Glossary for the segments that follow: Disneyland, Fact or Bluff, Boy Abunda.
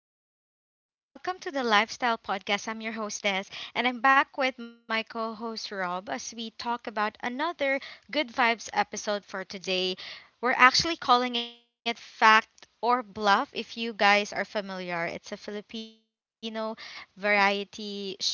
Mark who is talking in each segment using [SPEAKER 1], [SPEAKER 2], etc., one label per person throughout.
[SPEAKER 1] Hello, everyone. Welcome to the Lifestyle Podcast. I'm your hostess, and I'm back with my co host Rob as we talk about another Good Vibes episode for today. We're actually calling it Fact or Bluff if you guys are familiar. It's a Filipino variety show,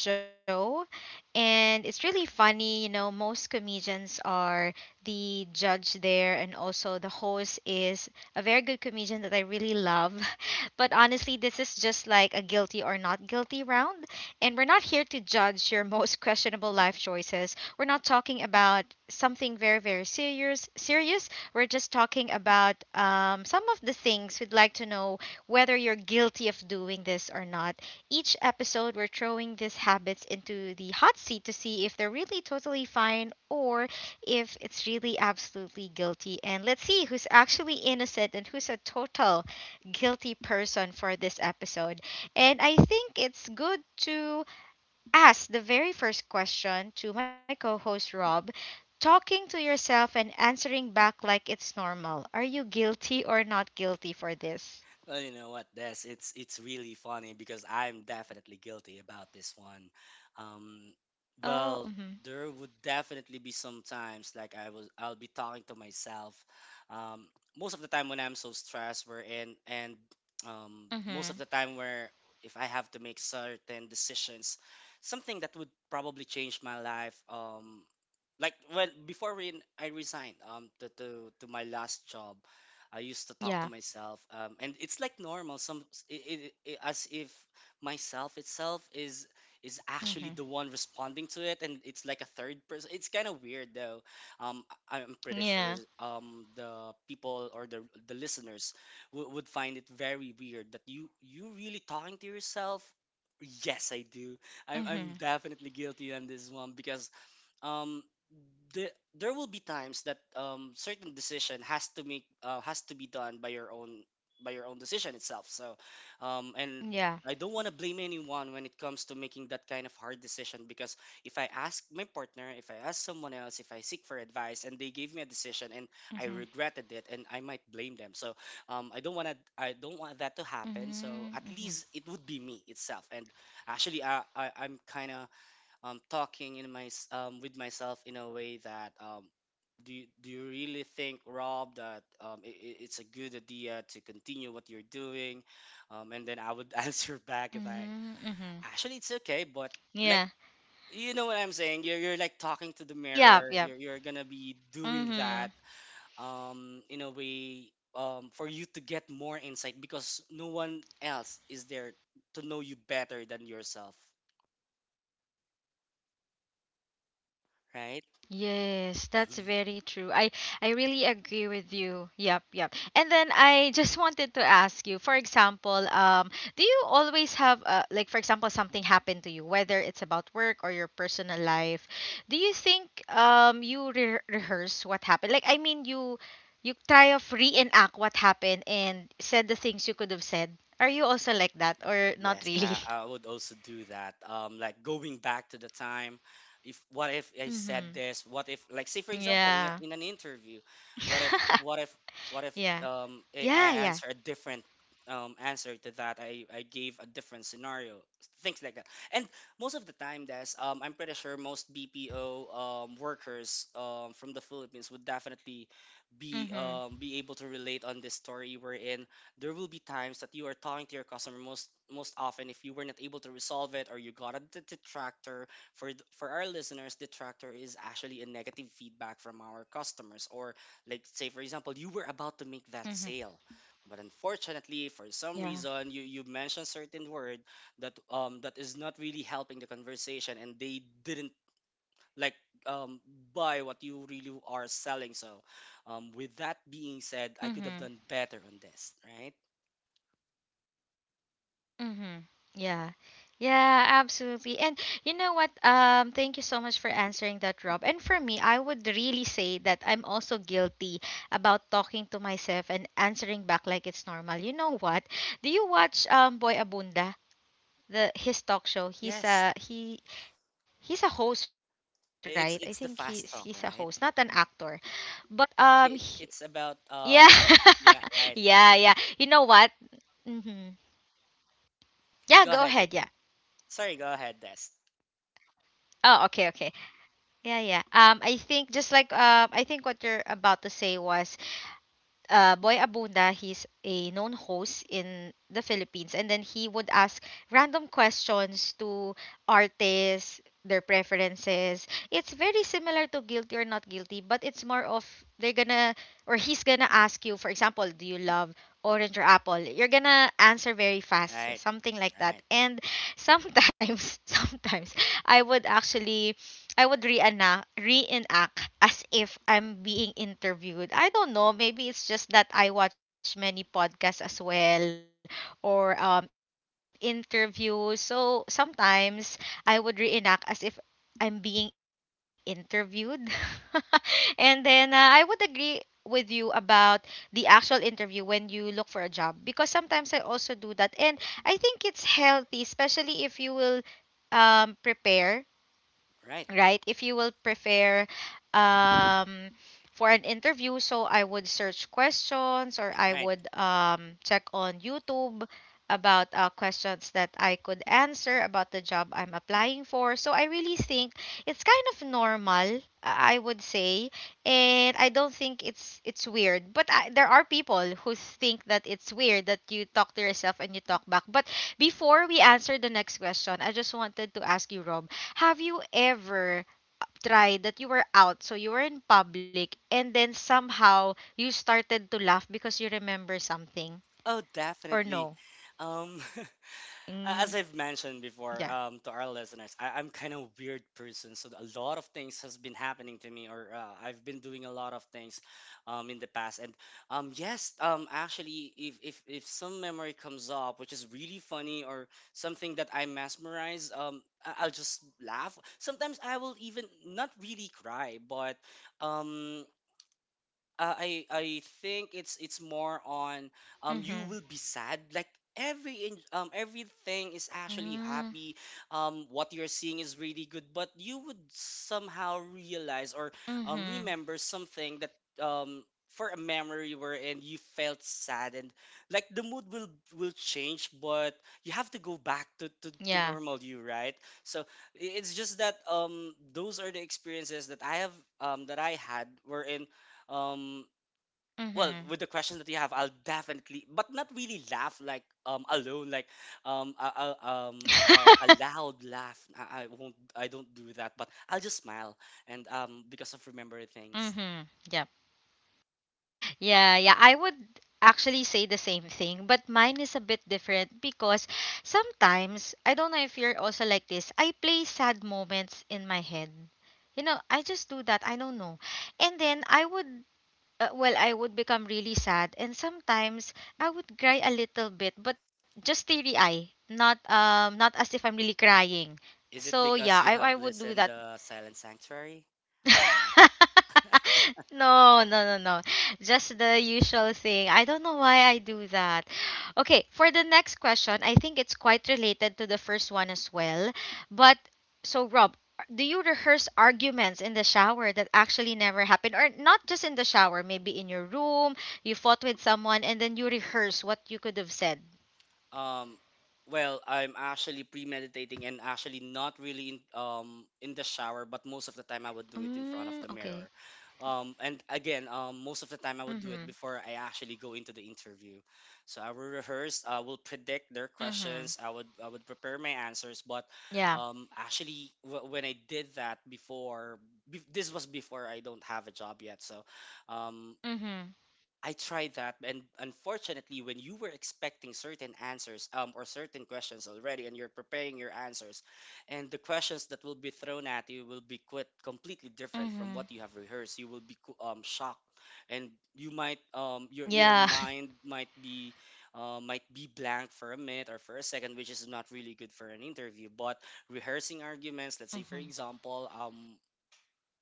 [SPEAKER 1] and it's really funny. You know, most comedians are the judge there, and also the host is a very good comedian that I really love. But honestly, this is just like a guilty or not guilty round. And we're not here to judge your most questionable life choices. We're not talking about something very, very serious. Serious. We're just talking about some of the things we'd like to know whether you're guilty of doing this or not. Each episode, we're throwing these habits into the hot seat to see if they're really totally fine or if it's really absolutely guilty. And let's see who's actually innocent and who's a total guilty person for this episode. And I think it's good to ask the very first question to my co host, Rob. Talking to yourself and answering back like it's normal. Are you guilty or not guilty for
[SPEAKER 2] Well,
[SPEAKER 1] this?
[SPEAKER 2] you know what, Des? It's really funny because I'm definitely guilty about this one. Um, well,
[SPEAKER 1] Oh,
[SPEAKER 2] there
[SPEAKER 1] mm-hmm.
[SPEAKER 2] would definitely be some times like I'll be talking to myself. Um, most of the time when I'm so stressed, where and most of the time
[SPEAKER 1] Mm-hmm.
[SPEAKER 2] where if I have to make certain decisions, something that would probably change my life. Like when before when I resigned to my last job I used to talk to myself,
[SPEAKER 1] Yeah.
[SPEAKER 2] and it's like normal. Some as if myself itself is actually the one
[SPEAKER 1] Mm-hmm.
[SPEAKER 2] responding to it, and it's like a third person. It's kind of weird though. Um, I'm pretty sure
[SPEAKER 1] Yeah.
[SPEAKER 2] the people or the listeners would find it very weird that you really talking to yourself. Yes, I do. I'm definitely
[SPEAKER 1] Mm-hmm.
[SPEAKER 2] guilty on this one because um there will be times that certain decision has to be done by your own decision itself, so and I don't want to
[SPEAKER 1] Yeah.
[SPEAKER 2] blame anyone when it comes to making that kind of hard decision, because if I ask my partner, if I ask someone else, if I seek for advice and they gave me a decision and
[SPEAKER 1] Mm-hmm.
[SPEAKER 2] I regretted it and I might blame them. So I don't want that to happen. So at
[SPEAKER 1] Mm-hmm.
[SPEAKER 2] least it would be me itself. And actually I'm kind of talking with myself in a way that do you really think, Rob, that it's a good idea to continue what you're doing? And then I would answer back like,
[SPEAKER 1] Mm-hmm. Mm-hmm.
[SPEAKER 2] actually it's okay,
[SPEAKER 1] Yeah.
[SPEAKER 2] but like, you know what I'm saying? You're like talking to the mirror. You're
[SPEAKER 1] Yeah.
[SPEAKER 2] you're
[SPEAKER 1] Yeah.
[SPEAKER 2] gonna be doing that
[SPEAKER 1] Mm-hmm.
[SPEAKER 2] in a way. For you to get more insight because no one else is there to know you better than yourself,
[SPEAKER 1] Yes, that's very
[SPEAKER 2] right?
[SPEAKER 1] true. I really agree with you. Yep, yep. And then I just wanted to ask you, for example, do you always have like for example something happened to you, whether it's about work or your personal life? Do you think you rehearse what happened? Like I mean, you try of reenact what happened and said the things you could have said. Are you also like that or not really?
[SPEAKER 2] Yes, I would also do that. Like going back to the time, if what if I
[SPEAKER 1] Mm-hmm.
[SPEAKER 2] said this? What if, like, say for
[SPEAKER 1] Yeah.
[SPEAKER 2] example, in an interview, what if, what if, what
[SPEAKER 1] yeah.
[SPEAKER 2] if,
[SPEAKER 1] Yeah,
[SPEAKER 2] I
[SPEAKER 1] yeah.
[SPEAKER 2] answer a different answer to that? I gave a different scenario, things like that. And most of the time, that's I'm pretty sure most BPO workers from the Philippines would definitely
[SPEAKER 1] Mhm.
[SPEAKER 2] be able to relate on this story we're in. There will be times that you are talking to your customer, most often if you were not able to resolve it or you got a detractor. For our listeners, detractor is actually a negative feedback from our customers. Or like, say for example, you were about to make that sale,
[SPEAKER 1] Mhm.
[SPEAKER 2] but unfortunately, for some reason,
[SPEAKER 1] Yeah.
[SPEAKER 2] you mentioned certain word that that is not really helping the conversation, and they didn't like um buy what you really are selling. So with that being said, I could have done better on
[SPEAKER 1] Mhm.
[SPEAKER 2] this, right?
[SPEAKER 1] Mhm. Yeah. Yeah, absolutely. And you know what? Thank you so much for answering that, Rob. And for me, I would really say that I'm also guilty about talking to myself and answering back like it's normal. You know what? Do you watch Boy Abunda? The his talk show. He's
[SPEAKER 2] Yes,
[SPEAKER 1] a he he's a host, right? I think he's he's a
[SPEAKER 2] it's the
[SPEAKER 1] host, not
[SPEAKER 2] fast
[SPEAKER 1] an
[SPEAKER 2] talk,
[SPEAKER 1] actor.
[SPEAKER 2] right?
[SPEAKER 1] But
[SPEAKER 2] It's
[SPEAKER 1] yeah.
[SPEAKER 2] about
[SPEAKER 1] yeah,
[SPEAKER 2] yeah,
[SPEAKER 1] yeah.
[SPEAKER 2] right.
[SPEAKER 1] You know what? Mhm. Yeah, go ahead.
[SPEAKER 2] Go
[SPEAKER 1] Yeah.
[SPEAKER 2] ahead. Sorry, go ahead, Des.
[SPEAKER 1] Oh, okay, okay. Yeah, yeah. I think just like I think what you're about to say was Boy Abunda, he's a known host in the Philippines, and then he would ask random questions to artists, their preferences. It's very similar to guilty or not guilty, but it's more of they're gonna or he's gonna ask you, for example, do you love orange or apple? You're gonna answer very fast,
[SPEAKER 2] Right,
[SPEAKER 1] something like that.
[SPEAKER 2] right,
[SPEAKER 1] And sometimes, sometimes I would actually I would reenact as if I'm being interviewed. I don't know, maybe it's just that I watch many podcasts as well or interviews. So sometimes I would reenact as if I'm being interviewed. And then I would agree with you about the actual interview when you look for a job because sometimes I also do that and I think it's healthy especially if you will prepare, right? If you
[SPEAKER 2] right,
[SPEAKER 1] will prepare um, for an interview, so I would search questions or I would
[SPEAKER 2] right.
[SPEAKER 1] check on YouTube about questions that I could answer about the job I'm applying for. So I really think it's kind of normal. I would say, and I don't think it's weird. But I, there are people who think that it's weird that you talk to yourself and you talk back. But before we answer the next question, I just wanted to ask you, Rob, have you ever tried that you were out, so you were in public, and then somehow you started to laugh because you remember something?
[SPEAKER 2] Oh,
[SPEAKER 1] Or
[SPEAKER 2] definitely.
[SPEAKER 1] no?
[SPEAKER 2] Um, as
[SPEAKER 1] Mm,
[SPEAKER 2] I've mentioned before,
[SPEAKER 1] yeah.
[SPEAKER 2] to our listeners, I'm kind of weird person. So a lot of things has been happening to me, or I've been doing a lot of things in the past. And yes, actually, if some memory comes up, which is really funny, or something that I mesmerize, I'll just laugh. Sometimes I will even not really cry, but um, I think it's more on you
[SPEAKER 1] Mm-hmm.
[SPEAKER 2] will be sad. Like everything is actually
[SPEAKER 1] Mm,
[SPEAKER 2] happy, what you're seeing is really good, but you would somehow realize or
[SPEAKER 1] mm-hmm.
[SPEAKER 2] remember something that um for a memory wherein you felt sad, and like the mood will change, but you have to go back to
[SPEAKER 1] Yeah.
[SPEAKER 2] normal you, right? So it's just that those are the experiences that I have, that I had, wherein um well,
[SPEAKER 1] Mm-hmm.
[SPEAKER 2] with the questions that you have, I'll definitely but not really laugh like alone, like um I, I'll, a loud laugh I won't, I don't do that, but I'll just smile, and because of remember things.
[SPEAKER 1] mm-hmm. Yeah, yeah. I would actually say the same thing, but mine is a bit different because sometimes, I don't know if you're also like this, I play sad moments in my head. You know, I just do that. I don't know. And then I would, well, I would become really sad. And sometimes I would cry a little bit, but just teary eye, not not as if I'm really crying.
[SPEAKER 2] Is it
[SPEAKER 1] So yeah,
[SPEAKER 2] because
[SPEAKER 1] I,
[SPEAKER 2] you have
[SPEAKER 1] I would do
[SPEAKER 2] listened
[SPEAKER 1] that.
[SPEAKER 2] silent sanctuary or not?
[SPEAKER 1] No, no, no, no. Just the usual thing. I don't know why I do that. Okay, for the next question, I think it's quite related to the first one as well. But so, Rob, do you rehearse arguments in the shower that actually never happened? Or not just in the shower, maybe in your room, you fought with someone and then you rehearse what you could have said?
[SPEAKER 2] Um, well, I'm actually premeditating, and actually not really in the shower, but most of the
[SPEAKER 1] Mm,
[SPEAKER 2] time I would
[SPEAKER 1] okay.
[SPEAKER 2] do it in front of the mirror. And again, most
[SPEAKER 1] Mm-hmm.
[SPEAKER 2] of the time I would do it before I actually go into the interview. So I will rehearse, I will predict
[SPEAKER 1] Mm-hmm.
[SPEAKER 2] their questions, I would prepare my answers.
[SPEAKER 1] Yeah.
[SPEAKER 2] But actually, when I did that before, this was before I don't have a job yet. So um,
[SPEAKER 1] Mm-hmm.
[SPEAKER 2] I tried that, and unfortunately, when you were expecting certain answers or certain questions already, and you're preparing your answers, and the questions that will be thrown at you will be quite completely different
[SPEAKER 1] Mm-hmm.
[SPEAKER 2] from what you have rehearsed. You will be shocked, and you might your
[SPEAKER 1] Yeah.
[SPEAKER 2] mind might be blank for a minute or for a second, which is not really good for an interview. But rehearsing arguments, let's say for
[SPEAKER 1] Mm-hmm.
[SPEAKER 2] example, um,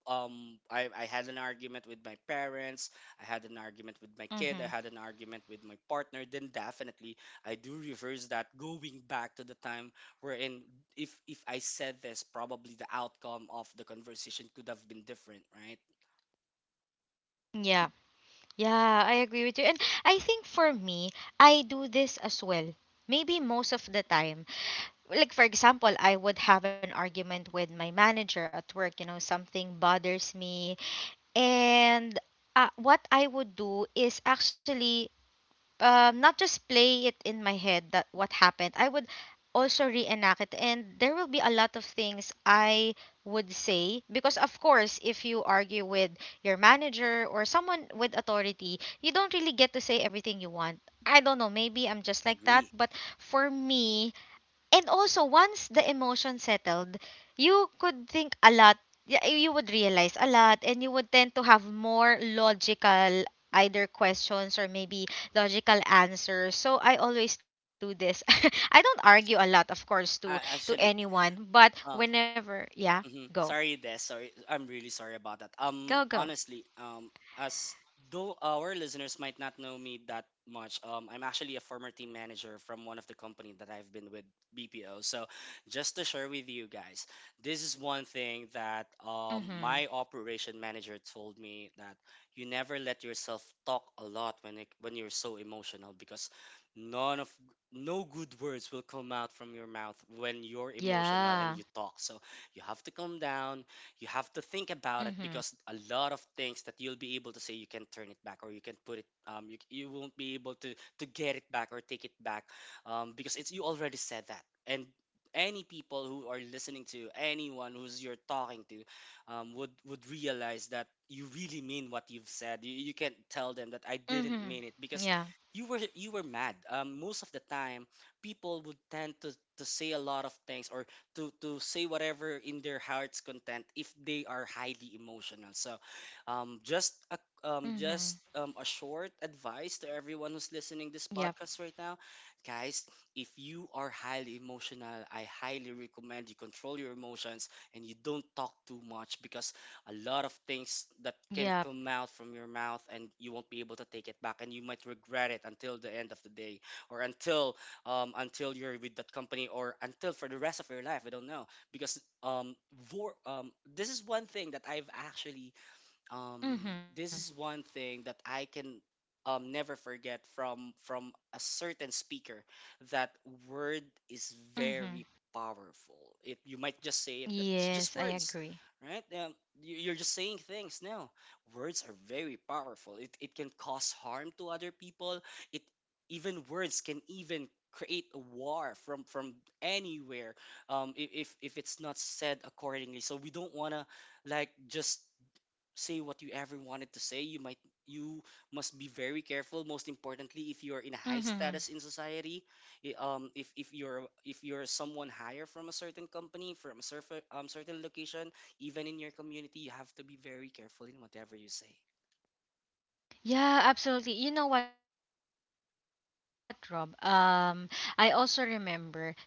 [SPEAKER 2] um I, I had an argument with my parents, I had an argument with my kid, I
[SPEAKER 1] Mm-hmm.
[SPEAKER 2] had an argument with my partner, then definitely I do reverse that, going back to the time wherein if I said this, probably the outcome of the conversation could have been different, right?
[SPEAKER 1] Yeah. Yeah, I agree with you. And I think for me, I do this as well. Maybe most of the time. Like for example, I would have an argument with my manager at work, you know, something bothers me and what I would do is actually not just play it in my head that what happened. I would also reenact it, and there will be a lot of things I would say because, of course, if you argue with your manager or someone with authority, you don't really get to say everything you want. I don't know, maybe I'm just like that,
[SPEAKER 2] Agree.
[SPEAKER 1] but for me, and also, once the emotion settled, you could think a lot, you would realize a lot, and you would tend to have more logical either questions or maybe logical answers. So I always do this. I don't argue a lot, of course, to
[SPEAKER 2] Actually,
[SPEAKER 1] anyone, but
[SPEAKER 2] um
[SPEAKER 1] whenever, yeah,
[SPEAKER 2] mm-hmm.
[SPEAKER 1] go,
[SPEAKER 2] Sorry, Des. Sorry, I'm really sorry about that.
[SPEAKER 1] go, go.
[SPEAKER 2] Honestly, as though our listeners might not know me that much, I'm actually a former team manager from one of the company that I've been with, BPO. So, just to share with you guys, this is one thing that my operation
[SPEAKER 1] Mhm.
[SPEAKER 2] manager told me that you never let yourself talk a lot when when you're so emotional because none of no good words will come out from your mouth when you're emotional and you talk. So you have to
[SPEAKER 1] Yeah.
[SPEAKER 2] calm down. You have to think about it because a lot of things that you'll
[SPEAKER 1] Mhm.
[SPEAKER 2] be able to say, you can turn it back or you can put it. You won't be able to get it back or take it back, because it's you already said that. And any people who are listening to anyone who's you're talking to, would realize that you really mean what you've said. You can't tell them that I didn't mean it because you were mad.
[SPEAKER 1] Mhm.
[SPEAKER 2] Most of the
[SPEAKER 1] Yeah.
[SPEAKER 2] time, people would tend to say a lot of things, or to say whatever in their heart's content if they are highly emotional. So, um, just a just a short advice to everyone who's listening
[SPEAKER 1] Mhm.
[SPEAKER 2] this podcast right now, guys. If you are highly
[SPEAKER 1] Yep.
[SPEAKER 2] emotional, I highly recommend you control your emotions and you don't talk too much, because a lot of things that can come out from your mouth and you won't be able to take it back, and you might regret
[SPEAKER 1] Yep.
[SPEAKER 2] it until the end of the day, or until you're with that company, or until for the rest of your life. I don't know because this is one thing that I've actually this is one thing that I can never forget from
[SPEAKER 1] Mhm.
[SPEAKER 2] a certain speaker, that word is very powerful. It, you might just say it that it's just words, right?
[SPEAKER 1] Mhm.
[SPEAKER 2] You're just saying things. No, words are very
[SPEAKER 1] Yes, I
[SPEAKER 2] powerful.
[SPEAKER 1] agree.
[SPEAKER 2] It can cause harm to other people. It, even words can even create a war from anywhere if it's not said accordingly, so we don't want to like just say what you ever wanted to say. You might you must be very careful. Most importantly, if you are in a high status in society, if you're
[SPEAKER 1] Mm-hmm.
[SPEAKER 2] someone higher from a certain company, from a certain certain location, even in your community, you
[SPEAKER 1] Yeah.
[SPEAKER 2] have to be very careful in whatever you say.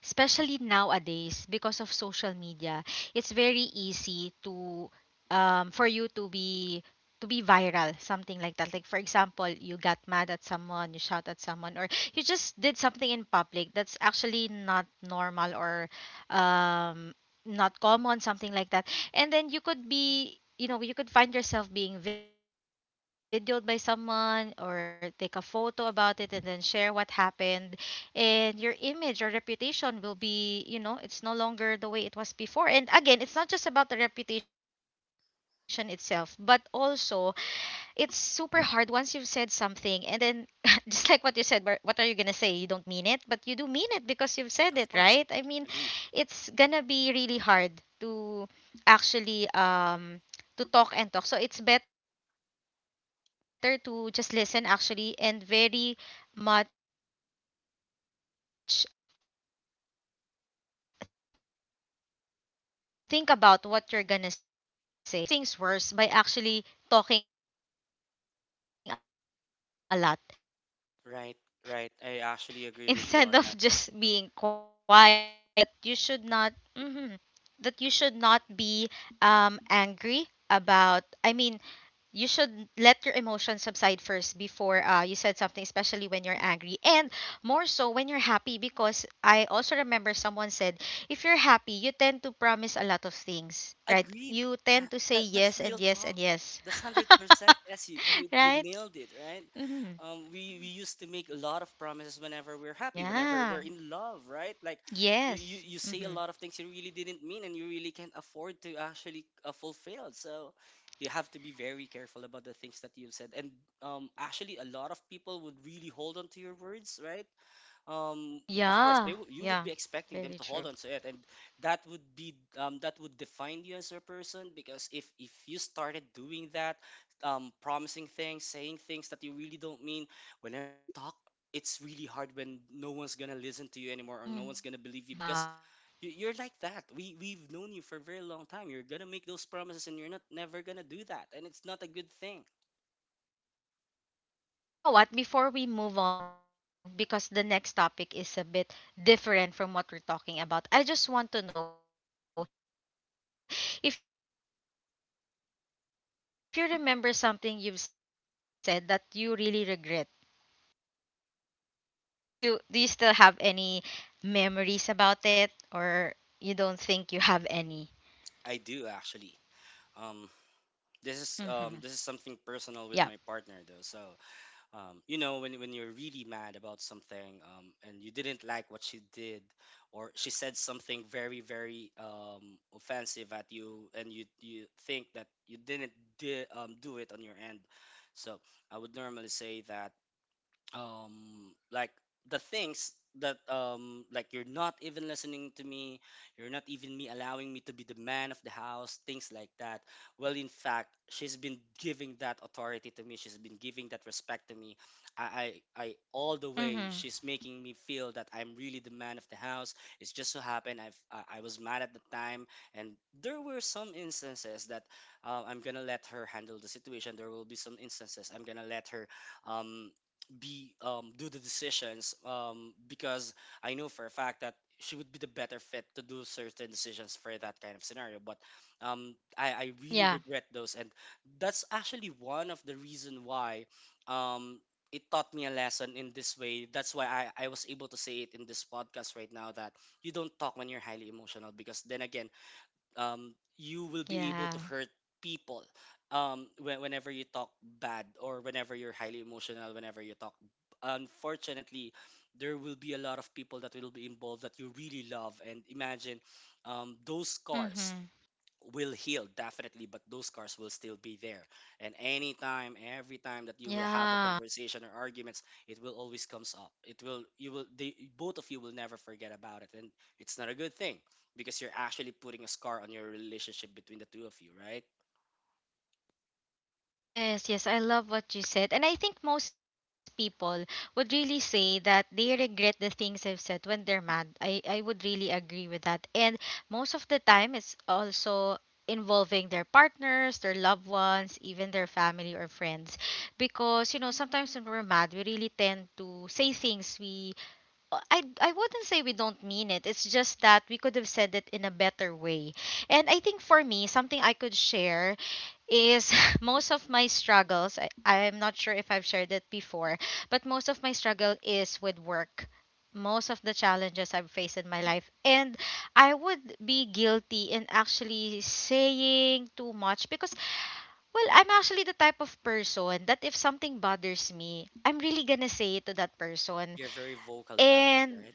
[SPEAKER 1] Yeah, absolutely. You know what, Rob? I also remember, especially nowadays, because of social media, it's very easy to for you to be viral, something like that. Like for example, you got mad at someone, you shout at someone, or you just did something in public that's actually not normal or um not common, something like that. And then you could be, you know, you could find yourself being videoed by someone or take a photo about it and then share what happened, and your image or reputation will be, you know, it's no longer the way it was before, and again, it's not just about the reputation itself but also it's super hard once you've said
[SPEAKER 2] Of course,
[SPEAKER 1] something and
[SPEAKER 2] agreed.
[SPEAKER 1] then just like what you said, where what are you going to say? You don't mean it, but you do mean it because you've said it, right? I mean, it's going to be really hard to actually to talk and talk, so it's better to just listen actually and very much think about what you're going to say. And I also remember um for example, actually, sometimes we make things
[SPEAKER 2] Right,
[SPEAKER 1] worse by
[SPEAKER 2] right.
[SPEAKER 1] actually
[SPEAKER 2] I
[SPEAKER 1] talking a
[SPEAKER 2] actually
[SPEAKER 1] lot
[SPEAKER 2] agree with you on that.
[SPEAKER 1] instead of just being quiet or, you know, letting the emotion subside. And I love what you said that you should not mhm, that you should not be angry about. I mean, you should let your emotions subside first before you said something, especially when you're angry, and more so when you're happy. Because I also remember someone said, if you're happy, you tend to promise a lot of things,
[SPEAKER 2] Agreed.
[SPEAKER 1] right?
[SPEAKER 2] Uh,
[SPEAKER 1] You tend
[SPEAKER 2] that
[SPEAKER 1] to say
[SPEAKER 2] that's real
[SPEAKER 1] yes and
[SPEAKER 2] talk.
[SPEAKER 1] yes and yes,
[SPEAKER 2] That's 100%. Yes, you
[SPEAKER 1] right?
[SPEAKER 2] nailed it, right? We
[SPEAKER 1] Mm-hmm.
[SPEAKER 2] used to make a lot of promises whenever we're happy, whenever we're in love,
[SPEAKER 1] Yeah.
[SPEAKER 2] right? Like you say a lot of things
[SPEAKER 1] Yes.
[SPEAKER 2] you really
[SPEAKER 1] Mm-hmm.
[SPEAKER 2] didn't mean, and you really can't afford to actually fulfill. So you have to be very careful about the things that you've said. And actually, a lot of people would really hold on to your words, right? um of course,
[SPEAKER 1] Yeah.
[SPEAKER 2] you would be
[SPEAKER 1] Yeah.
[SPEAKER 2] expecting them to hold
[SPEAKER 1] Very
[SPEAKER 2] on to
[SPEAKER 1] true.
[SPEAKER 2] it, and that would define you as a person, because if you started doing that, promising things, saying things that you really don't mean whenever you talk, it's really hard when
[SPEAKER 1] Mm-hmm.
[SPEAKER 2] no one's gonna listen to you anymore, or no one's gonna believe you, because you're like,
[SPEAKER 1] Yeah.
[SPEAKER 2] that we've known you for a very long time, you're gonna make those promises and you're not never gonna do that, and it's not a good thing.
[SPEAKER 1] Yeah, yeah, it is. You know what? Before we move on, because the next topic is a bit different from what we're talking about, I just want to know if you remember something you've said that you really regret. Like you shouldn't said that at all. Do you still have any memories about it or you don't think you have any?
[SPEAKER 2] I do, actually.
[SPEAKER 1] Mhm. Yeah.
[SPEAKER 2] This is something personal with my partner though, so you know, when you're really mad about something, and you didn't like what she did, or she said something very, very offensive at you, and you think that you didn't do it on your end, so I would normally say that, um like, the things that, like, you're not even listening to me, you're not even me allowing me to be the man of the house, things like that. Well, in fact, she's been giving that authority to me, she's been giving that respect to me. I all the
[SPEAKER 1] Mhm.
[SPEAKER 2] way, she's making me feel that I'm really the man of the house. It's just so happened I was mad at the time, and there were some instances that, I'm gonna let her handle the situation, there will be some instances I'm gonna let her, um be do the decisions, because I know for a fact that she would be the better fit to do certain decisions for that kind of scenario. But I really
[SPEAKER 1] Yeah.
[SPEAKER 2] regret those, and that's actually one of the reason why, um, it taught me a lesson in this way. That's why I was able to say it in this podcast right now that you don't talk when you're highly emotional, because then again, you will be able
[SPEAKER 1] Yeah.
[SPEAKER 2] to hurt people, whenever you talk bad, or whenever you're highly emotional, whenever you talk. Unfortunately, there will be a lot of people that will be involved that you really love. And imagine those scars
[SPEAKER 1] Mhm.
[SPEAKER 2] will heal definitely, but those scars will still be there, and anytime, every time that you will have a
[SPEAKER 1] Yeah.
[SPEAKER 2] conversation or arguments, it will always comes up, it will you will they, both of you will never forget about it, and it's not a good thing, because you're actually putting a scar on your relationship between the two of you, right?
[SPEAKER 1] Yes, yes, I love what you said. And I think most people would really say that they regret the things they've said when they're mad. I would really agree with that. And most of the time, it's also involving their partners, their loved ones, even their family or friends. Because, you know, sometimes when we're mad, we really tend to say things we I wouldn't say we don't mean it. It's just that we could have said it in a better way. And I think for me, something I could share is most of my struggles. I'm not sure if I've shared it before, but most of my struggle is with work. Most of the challenges I've faced in my life. And I would be guilty in actually saying too much because, well, I'm actually the type of person that if something bothers me, I'm really gonna say it to that person
[SPEAKER 2] You're very vocal about it,
[SPEAKER 1] and
[SPEAKER 2] right?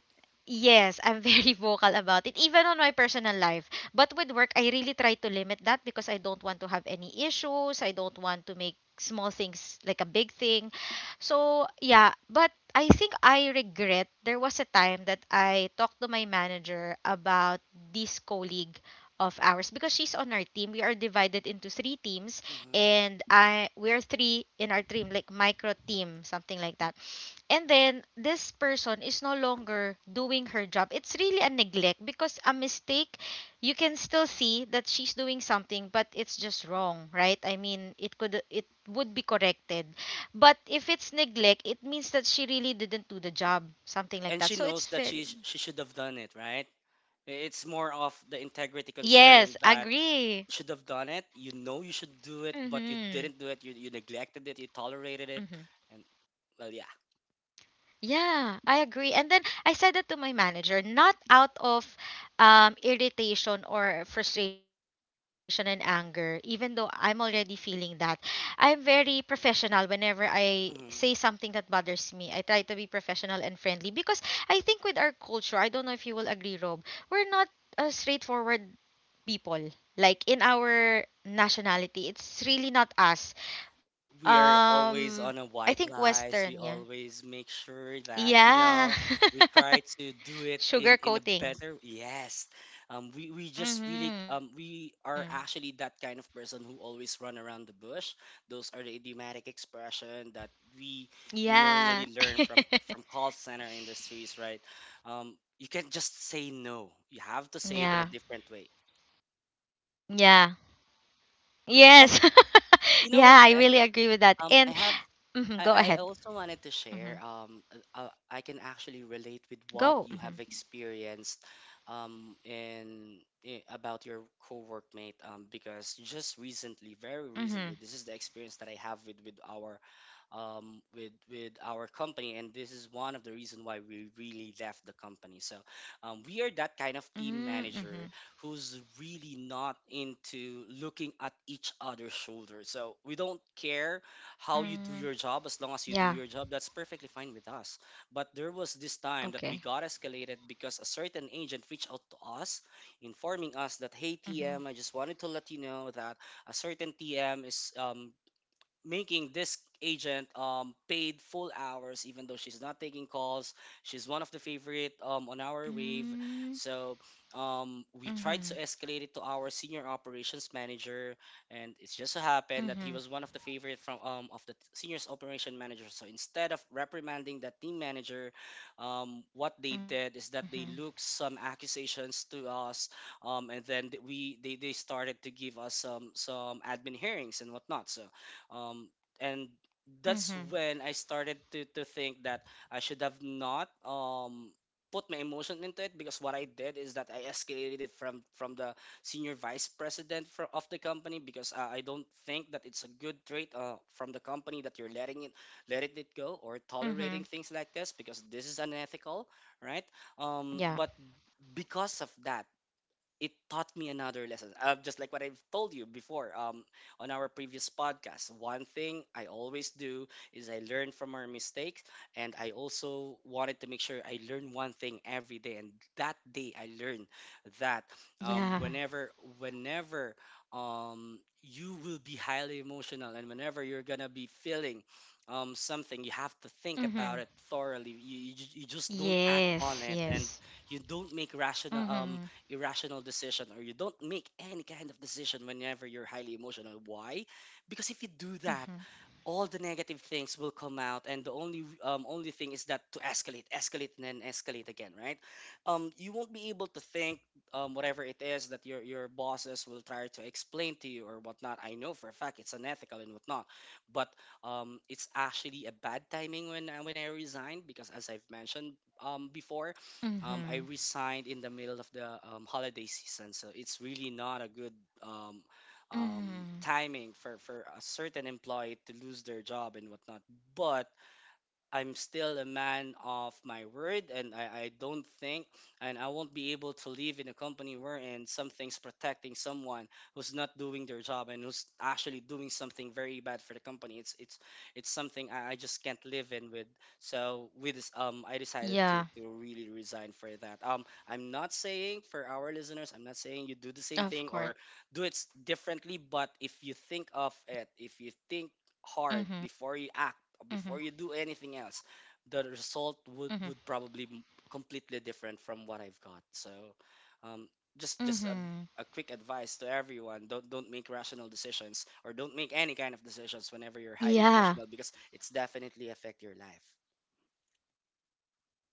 [SPEAKER 1] yes, I'm very vocal about it, even on my personal life. But with work, I really try to limit that because I don't want to have any issues. I don't want to make small things like a big thing. So, yeah, but I think I regret there was a time that I talked to my manager about this colleague of ours because she's on our team. We are divided into three
[SPEAKER 2] Hmm.
[SPEAKER 1] teams and I we're three in our team like micro team, something like that. And then this person is no longer doing her job. It's really a neglect because a mistake, you can still see that she's doing something, but it's just wrong, right? I mean, it could it would be corrected. But if it's neglect, it means that she really didn't do the
[SPEAKER 2] And
[SPEAKER 1] job,
[SPEAKER 2] she knows
[SPEAKER 1] something
[SPEAKER 2] that
[SPEAKER 1] like that. So
[SPEAKER 2] she
[SPEAKER 1] it's
[SPEAKER 2] should have
[SPEAKER 1] very.
[SPEAKER 2] done it, right? It's more of
[SPEAKER 1] Yes,
[SPEAKER 2] the integrity
[SPEAKER 1] agree.
[SPEAKER 2] concern that should have done it.
[SPEAKER 1] Mhm.
[SPEAKER 2] You know you should do it, but you didn't do it. You neglected
[SPEAKER 1] Mhm.
[SPEAKER 2] it. You tolerated it, and, well, yeah.
[SPEAKER 1] Yeah, I agree. And then I said that to my manager, not out of irritation or frustration and anger, even though I'm already feeling that. I'm very professional whenever I say
[SPEAKER 2] Mm-hmm.
[SPEAKER 1] something that bothers me. I try to be professional and friendly because I think with our culture, I don't know if you will agree, Rob, we're not straightforward people. Like in our nationality, it's really not us.
[SPEAKER 2] We are always
[SPEAKER 1] Um,
[SPEAKER 2] on a
[SPEAKER 1] I
[SPEAKER 2] white
[SPEAKER 1] think
[SPEAKER 2] lies. We
[SPEAKER 1] Western, yeah.
[SPEAKER 2] always make sure that, you
[SPEAKER 1] Yeah.
[SPEAKER 2] know, we try to do it
[SPEAKER 1] Sugar
[SPEAKER 2] in a
[SPEAKER 1] coating.
[SPEAKER 2] better. Yes, we just really,
[SPEAKER 1] Mm-hmm.
[SPEAKER 2] we are actually that kind of person who always run around the bush. Those are the idiomatic expression that
[SPEAKER 1] Yeah.
[SPEAKER 2] we normally learn from call center industries, right? You can't just say no.
[SPEAKER 1] yeah.
[SPEAKER 2] You have to say it in a different way.
[SPEAKER 1] Yeah. Yes.
[SPEAKER 2] Um,
[SPEAKER 1] yeah, I really
[SPEAKER 2] you
[SPEAKER 1] agree
[SPEAKER 2] know
[SPEAKER 1] with
[SPEAKER 2] what,
[SPEAKER 1] that.
[SPEAKER 2] Des?
[SPEAKER 1] And
[SPEAKER 2] Um, I
[SPEAKER 1] mhm, go
[SPEAKER 2] have
[SPEAKER 1] ahead.
[SPEAKER 2] I also
[SPEAKER 1] Hmm.
[SPEAKER 2] wanted to share. I can actually relate
[SPEAKER 1] Go.
[SPEAKER 2] with
[SPEAKER 1] Hmm.
[SPEAKER 2] what you have experienced, um, in, about your co-workmate. Because just recently, very
[SPEAKER 1] Hmm.
[SPEAKER 2] recently, this is the experience that I have with our, with our company, and this is one of the reason why we really left the company. So, we are that kind of team manager
[SPEAKER 1] Hmm.
[SPEAKER 2] who's really not into looking at each other's shoulders. So we don't care how you do your job,
[SPEAKER 1] Hmm.
[SPEAKER 2] as long as you do your job that's
[SPEAKER 1] Yeah.
[SPEAKER 2] perfectly fine with us. But there was this time that we got
[SPEAKER 1] Okay.
[SPEAKER 2] escalated because a certain agent reached out to us informing us that, hey, TM, I just wanted to
[SPEAKER 1] Hmm.
[SPEAKER 2] let you know that a certain TM is, making this agent, paid full hours even though she's not taking calls. She's one of the favorite, on our wave.
[SPEAKER 1] Mm.
[SPEAKER 2] So we tried to escalate
[SPEAKER 1] Mm-hmm.
[SPEAKER 2] it to our senior operations manager, and it's just so happened that he was one of the
[SPEAKER 1] Mm-hmm.
[SPEAKER 2] favorite from of the seniors operation manager, so instead of reprimanding that team manager, what they did is that they looked
[SPEAKER 1] Mm-hmm.
[SPEAKER 2] some accusations to us, and then, they started to give us some admin hearings and whatnot, so, um, and
[SPEAKER 1] Mm-hmm.
[SPEAKER 2] that's when I started to think that I should have not, put my emotion into it, because what I did is that I escalated it from the senior vice president of the company, because I don't think that it's a good trait, from the company that you're letting it go
[SPEAKER 1] Mm-hmm.
[SPEAKER 2] or tolerating things like this, because this is unethical, right?
[SPEAKER 1] Yeah.
[SPEAKER 2] But because of that, it taught me another lesson. Just like what I've told you before, on our previous podcast, one thing I always do is I learn from our mistakes, and I also wanted to make sure I learn one thing every day. And that day, I learned that, um,
[SPEAKER 1] Yeah.
[SPEAKER 2] whenever, whenever, you will be highly emotional, and whenever you're gonna be feeling, something, you have to think about it
[SPEAKER 1] Hmm.
[SPEAKER 2] thoroughly. You just don't act on it, and
[SPEAKER 1] Yes.
[SPEAKER 2] you
[SPEAKER 1] Yes.
[SPEAKER 2] don't make rational
[SPEAKER 1] Hmm.
[SPEAKER 2] irrational decision, or you don't make any kind of decision whenever you're highly emotional. Why? Because if you do that, all the
[SPEAKER 1] Hmm.
[SPEAKER 2] negative things will come out, and the only thing is that to escalate, escalate, and then escalate again, right? You won't be able to think, whatever it is that your bosses will try to explain to you or whatnot. I know for a fact it's unethical and whatnot, but it's actually a bad timing, when I resigned, because as I've mentioned, before, I
[SPEAKER 1] Hmm.
[SPEAKER 2] resigned in the middle of the, holiday season, so it's really not a good, um,
[SPEAKER 1] Mm-hmm.
[SPEAKER 2] timing for a certain employee to lose their job and whatnot. But I'm still a man of my word, and I don't think, and I won't be able to live in a company wherein something's protecting someone who's not doing their job and who's actually doing something very bad for the company. It's something I just can't live in
[SPEAKER 1] Yeah,
[SPEAKER 2] with. So with this, I decided to
[SPEAKER 1] of
[SPEAKER 2] to
[SPEAKER 1] course.
[SPEAKER 2] really
[SPEAKER 1] Mm-hmm.
[SPEAKER 2] resign for that. I'm not saying, for our listeners, I'm not saying you do the same thing or do it
[SPEAKER 1] Mm-hmm.
[SPEAKER 2] differently, but if you think of it, if you think hard before you act, before you
[SPEAKER 1] Mm-hmm.
[SPEAKER 2] do anything else, the result would probably
[SPEAKER 1] Mm-hmm.
[SPEAKER 2] completely different from what I've got, so, um, just a quick
[SPEAKER 1] Mm-hmm.
[SPEAKER 2] advice to everyone: don't make rational decisions or don't make any kind of decisions whenever you're
[SPEAKER 1] Yeah.
[SPEAKER 2] highly emotional, because it's definitely affect your life.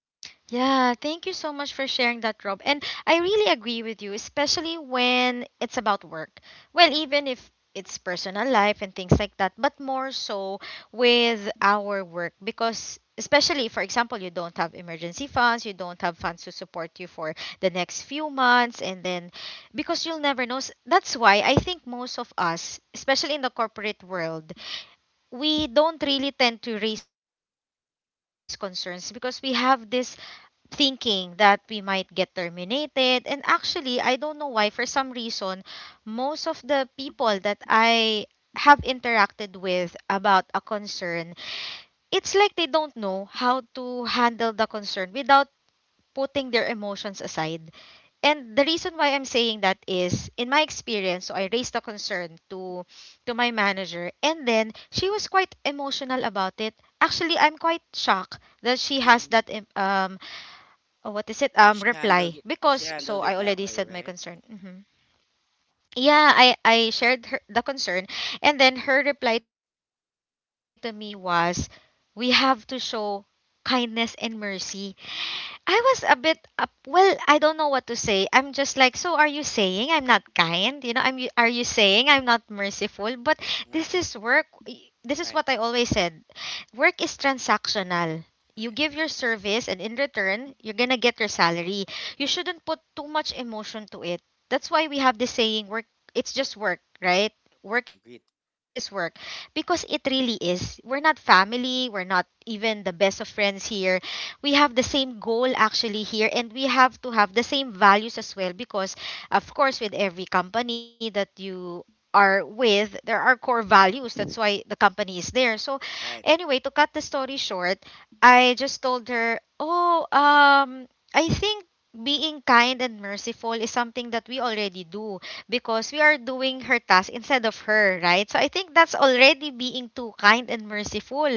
[SPEAKER 1] Yeah, thank you so much for sharing that, Rob. And I really agree with you, especially when it's about work. Well, even if it's personal life and things like that, but more so with our work because, especially for example, you don't have emergency funds, you don't have funds to support you for the next few months, and then because you'll never know. S- that's why I think most of us, especially in the corporate world, we don't really tend to raise concerns because we have this thinking that we might get terminated. And actually, I don't know why, for some reason, most of the people that I have interacted with about a concern, it's like they don't know how to handle the concern without putting their emotions aside. And the reason why I'm saying that is in my experience, so I raised a concern to my manager and then she was quite emotional about it. Actually, I'm quite shocked that she has
[SPEAKER 2] Hmm.
[SPEAKER 1] that em- oh, what is it?
[SPEAKER 2] she handled
[SPEAKER 1] Reply
[SPEAKER 2] it she
[SPEAKER 1] because so
[SPEAKER 2] handled
[SPEAKER 1] I
[SPEAKER 2] it that
[SPEAKER 1] already
[SPEAKER 2] way,
[SPEAKER 1] said my
[SPEAKER 2] right?
[SPEAKER 1] concern. Hmm. Yeah, I shared her, the concern, and then her reply to me was, "We have to show kindness and mercy." I was a bit up. Well, I don't know what to say. I'm just like, so are you saying I'm not kind? You know, I'm. Y- Are you saying I'm not merciful? But this is
[SPEAKER 2] Right.
[SPEAKER 1] work. Y- This is what I
[SPEAKER 2] Right.
[SPEAKER 1] always said. Work is transactional. You
[SPEAKER 2] Right.
[SPEAKER 1] give your service, and in return, you're gonna get your salary. You shouldn't put too much emotion to it. That's why we have this saying, work. It's just work, right?
[SPEAKER 2] Agreed.
[SPEAKER 1] Work is work, because it really is. We're not family. We're not even the best of friends here. We have the same goal actually here, and we have to have the same values as well, because of course with every company that you are with there are core values. That's why the company is there. So
[SPEAKER 2] Right.
[SPEAKER 1] anyway, to cut the story short, I just told her, oh, I think being kind and merciful is something that we already do because we are doing her task instead of her, right? So I think that's already being too kind and merciful.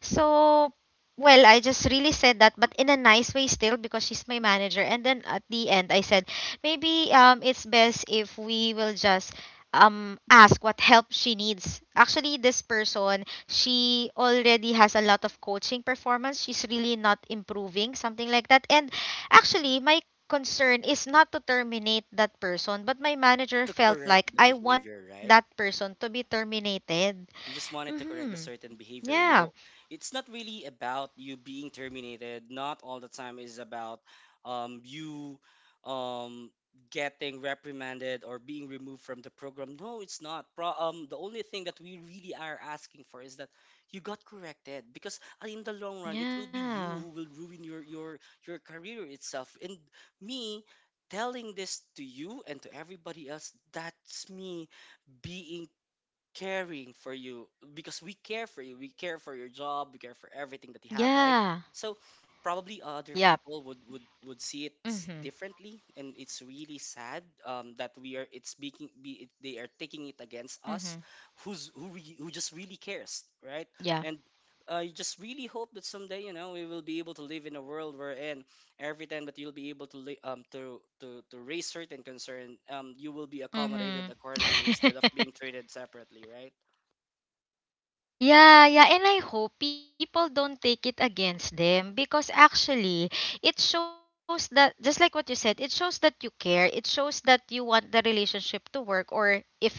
[SPEAKER 1] So, well, I just really said that, but in a nice way still because she's my manager. And then at the end, I said, maybe it's best if we will just ask what help she needs. Actually, this person, she already has a lot of coaching performance. She's really not improving, something like that. And
[SPEAKER 2] uh
[SPEAKER 1] actually, my concern is not to terminate that person, but my manager
[SPEAKER 2] to
[SPEAKER 1] felt
[SPEAKER 2] correct
[SPEAKER 1] like
[SPEAKER 2] the
[SPEAKER 1] I want
[SPEAKER 2] behavior,
[SPEAKER 1] that
[SPEAKER 2] right?
[SPEAKER 1] person to be terminated.
[SPEAKER 2] You just wanted to
[SPEAKER 1] Mhm.
[SPEAKER 2] correct a certain behavior.
[SPEAKER 1] Yeah.
[SPEAKER 2] You don't. It's not really about you being terminated. Not all the time is about, you, um, getting reprimanded or being removed from the program. No, it's not. The only thing that we really are asking for is that you got corrected, because in the long run, it will be you who will ruin
[SPEAKER 1] Yeah.
[SPEAKER 2] your career itself. And me telling this to you and to everybody else, that's me being caring for you, because we care for you. We care for your job. We
[SPEAKER 1] Yeah.
[SPEAKER 2] care for everything that you have, right?
[SPEAKER 1] Yep.
[SPEAKER 2] So probably other people
[SPEAKER 1] Mhm.
[SPEAKER 2] would see it differently, and it's really sad, that we are it's being be, it, they are
[SPEAKER 1] Mhm.
[SPEAKER 2] taking it against us, who just really
[SPEAKER 1] Yeah.
[SPEAKER 2] cares, right? And I just really hope that someday, we will be able to live in a world wherein every time that you'll be able to raise certain concern, you will be
[SPEAKER 1] Mhm.
[SPEAKER 2] accommodated accordingly, instead of being treated separately, right?
[SPEAKER 1] yeah, yeah, and I hope people don't take it against them because actually it shows that, just like what you said, it shows that you care. It shows that you want the relationship to work, or if it's about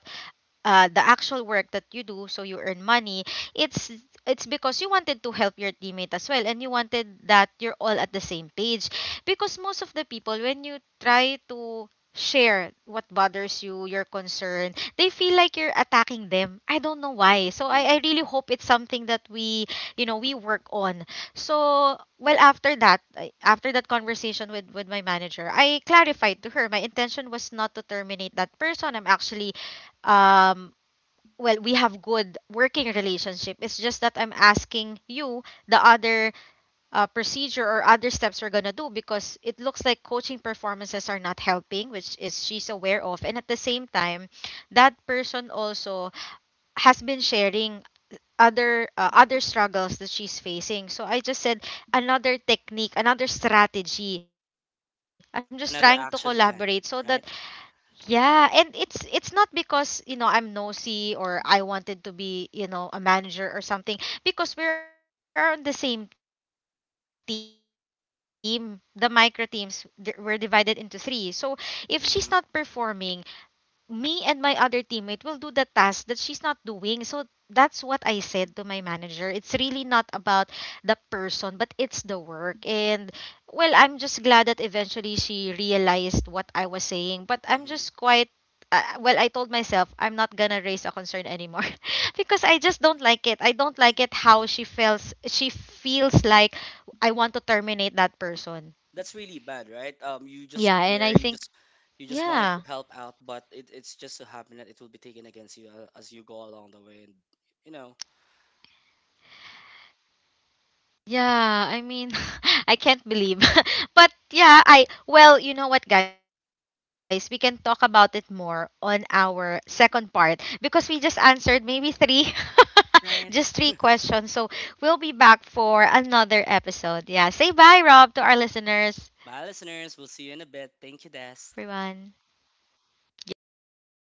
[SPEAKER 1] the actual work that you do so you earn money, it's it's because you wanted to help your teammate as well and you wanted that you're all at the same page. Because most of the people, when you try to share what bothers you, your concern, they feel like you're attacking them. I don't know why. So
[SPEAKER 2] Agree.
[SPEAKER 1] I really hope it's something that we, you know, we work on. So, well, after that, I- after that conversation with my manager, I clarified to her my intention was not to terminate that person. I'm actually, um, well, we have good working relationship. It's just that I'm asking you the other procedure or other steps we're gonna do because it looks like coaching performances are not helping, which is she's aware of, and at the same time, that person also has been sharing other other struggles that she's facing. So I just said, another technique, another strategy. I'm just trying to collaborate
[SPEAKER 2] Another
[SPEAKER 1] so that
[SPEAKER 2] action plan, right?
[SPEAKER 1] yeah, and it's not because, you know, I'm nosy or I wanted to be, you know, a manager or something, because we are on the same team. The micro teams th- We're divided into three. So if she's not performing, me and my other
[SPEAKER 2] Mm-hmm,
[SPEAKER 1] teammate will do the task that she's not doing. So that's what I said to my manager. It's really not about the person, but it's the work. And well, I'm just glad that eventually she realized what I was saying. But I'm just quite well, I
[SPEAKER 2] mm-hmm.
[SPEAKER 1] told myself I'm not gonna raise a concern anymore because I just don't like it. I don't like it how she
[SPEAKER 2] And
[SPEAKER 1] feels. She feels like I want to terminate that person.
[SPEAKER 2] that's really bad, right?
[SPEAKER 1] Yeah,
[SPEAKER 2] You
[SPEAKER 1] and I
[SPEAKER 2] just
[SPEAKER 1] think
[SPEAKER 2] care, you just
[SPEAKER 1] yeah.
[SPEAKER 2] wanted to help out, but it's just so happen that it will be taken against you, as you go along the way, and, you know,
[SPEAKER 1] Yeah, I mean, I can't believe. but yeah, I well, you know what guys, we can talk about it more on our second part because we just answered maybe 3 just 3
[SPEAKER 2] right.
[SPEAKER 1] questions. So, we'll be back for another episode. Yeah, say bye Rob to our listeners.
[SPEAKER 2] Bye, listeners. We'll see you in a bit. Thank you, Des.
[SPEAKER 1] Yeah, bye everyone. Yeah.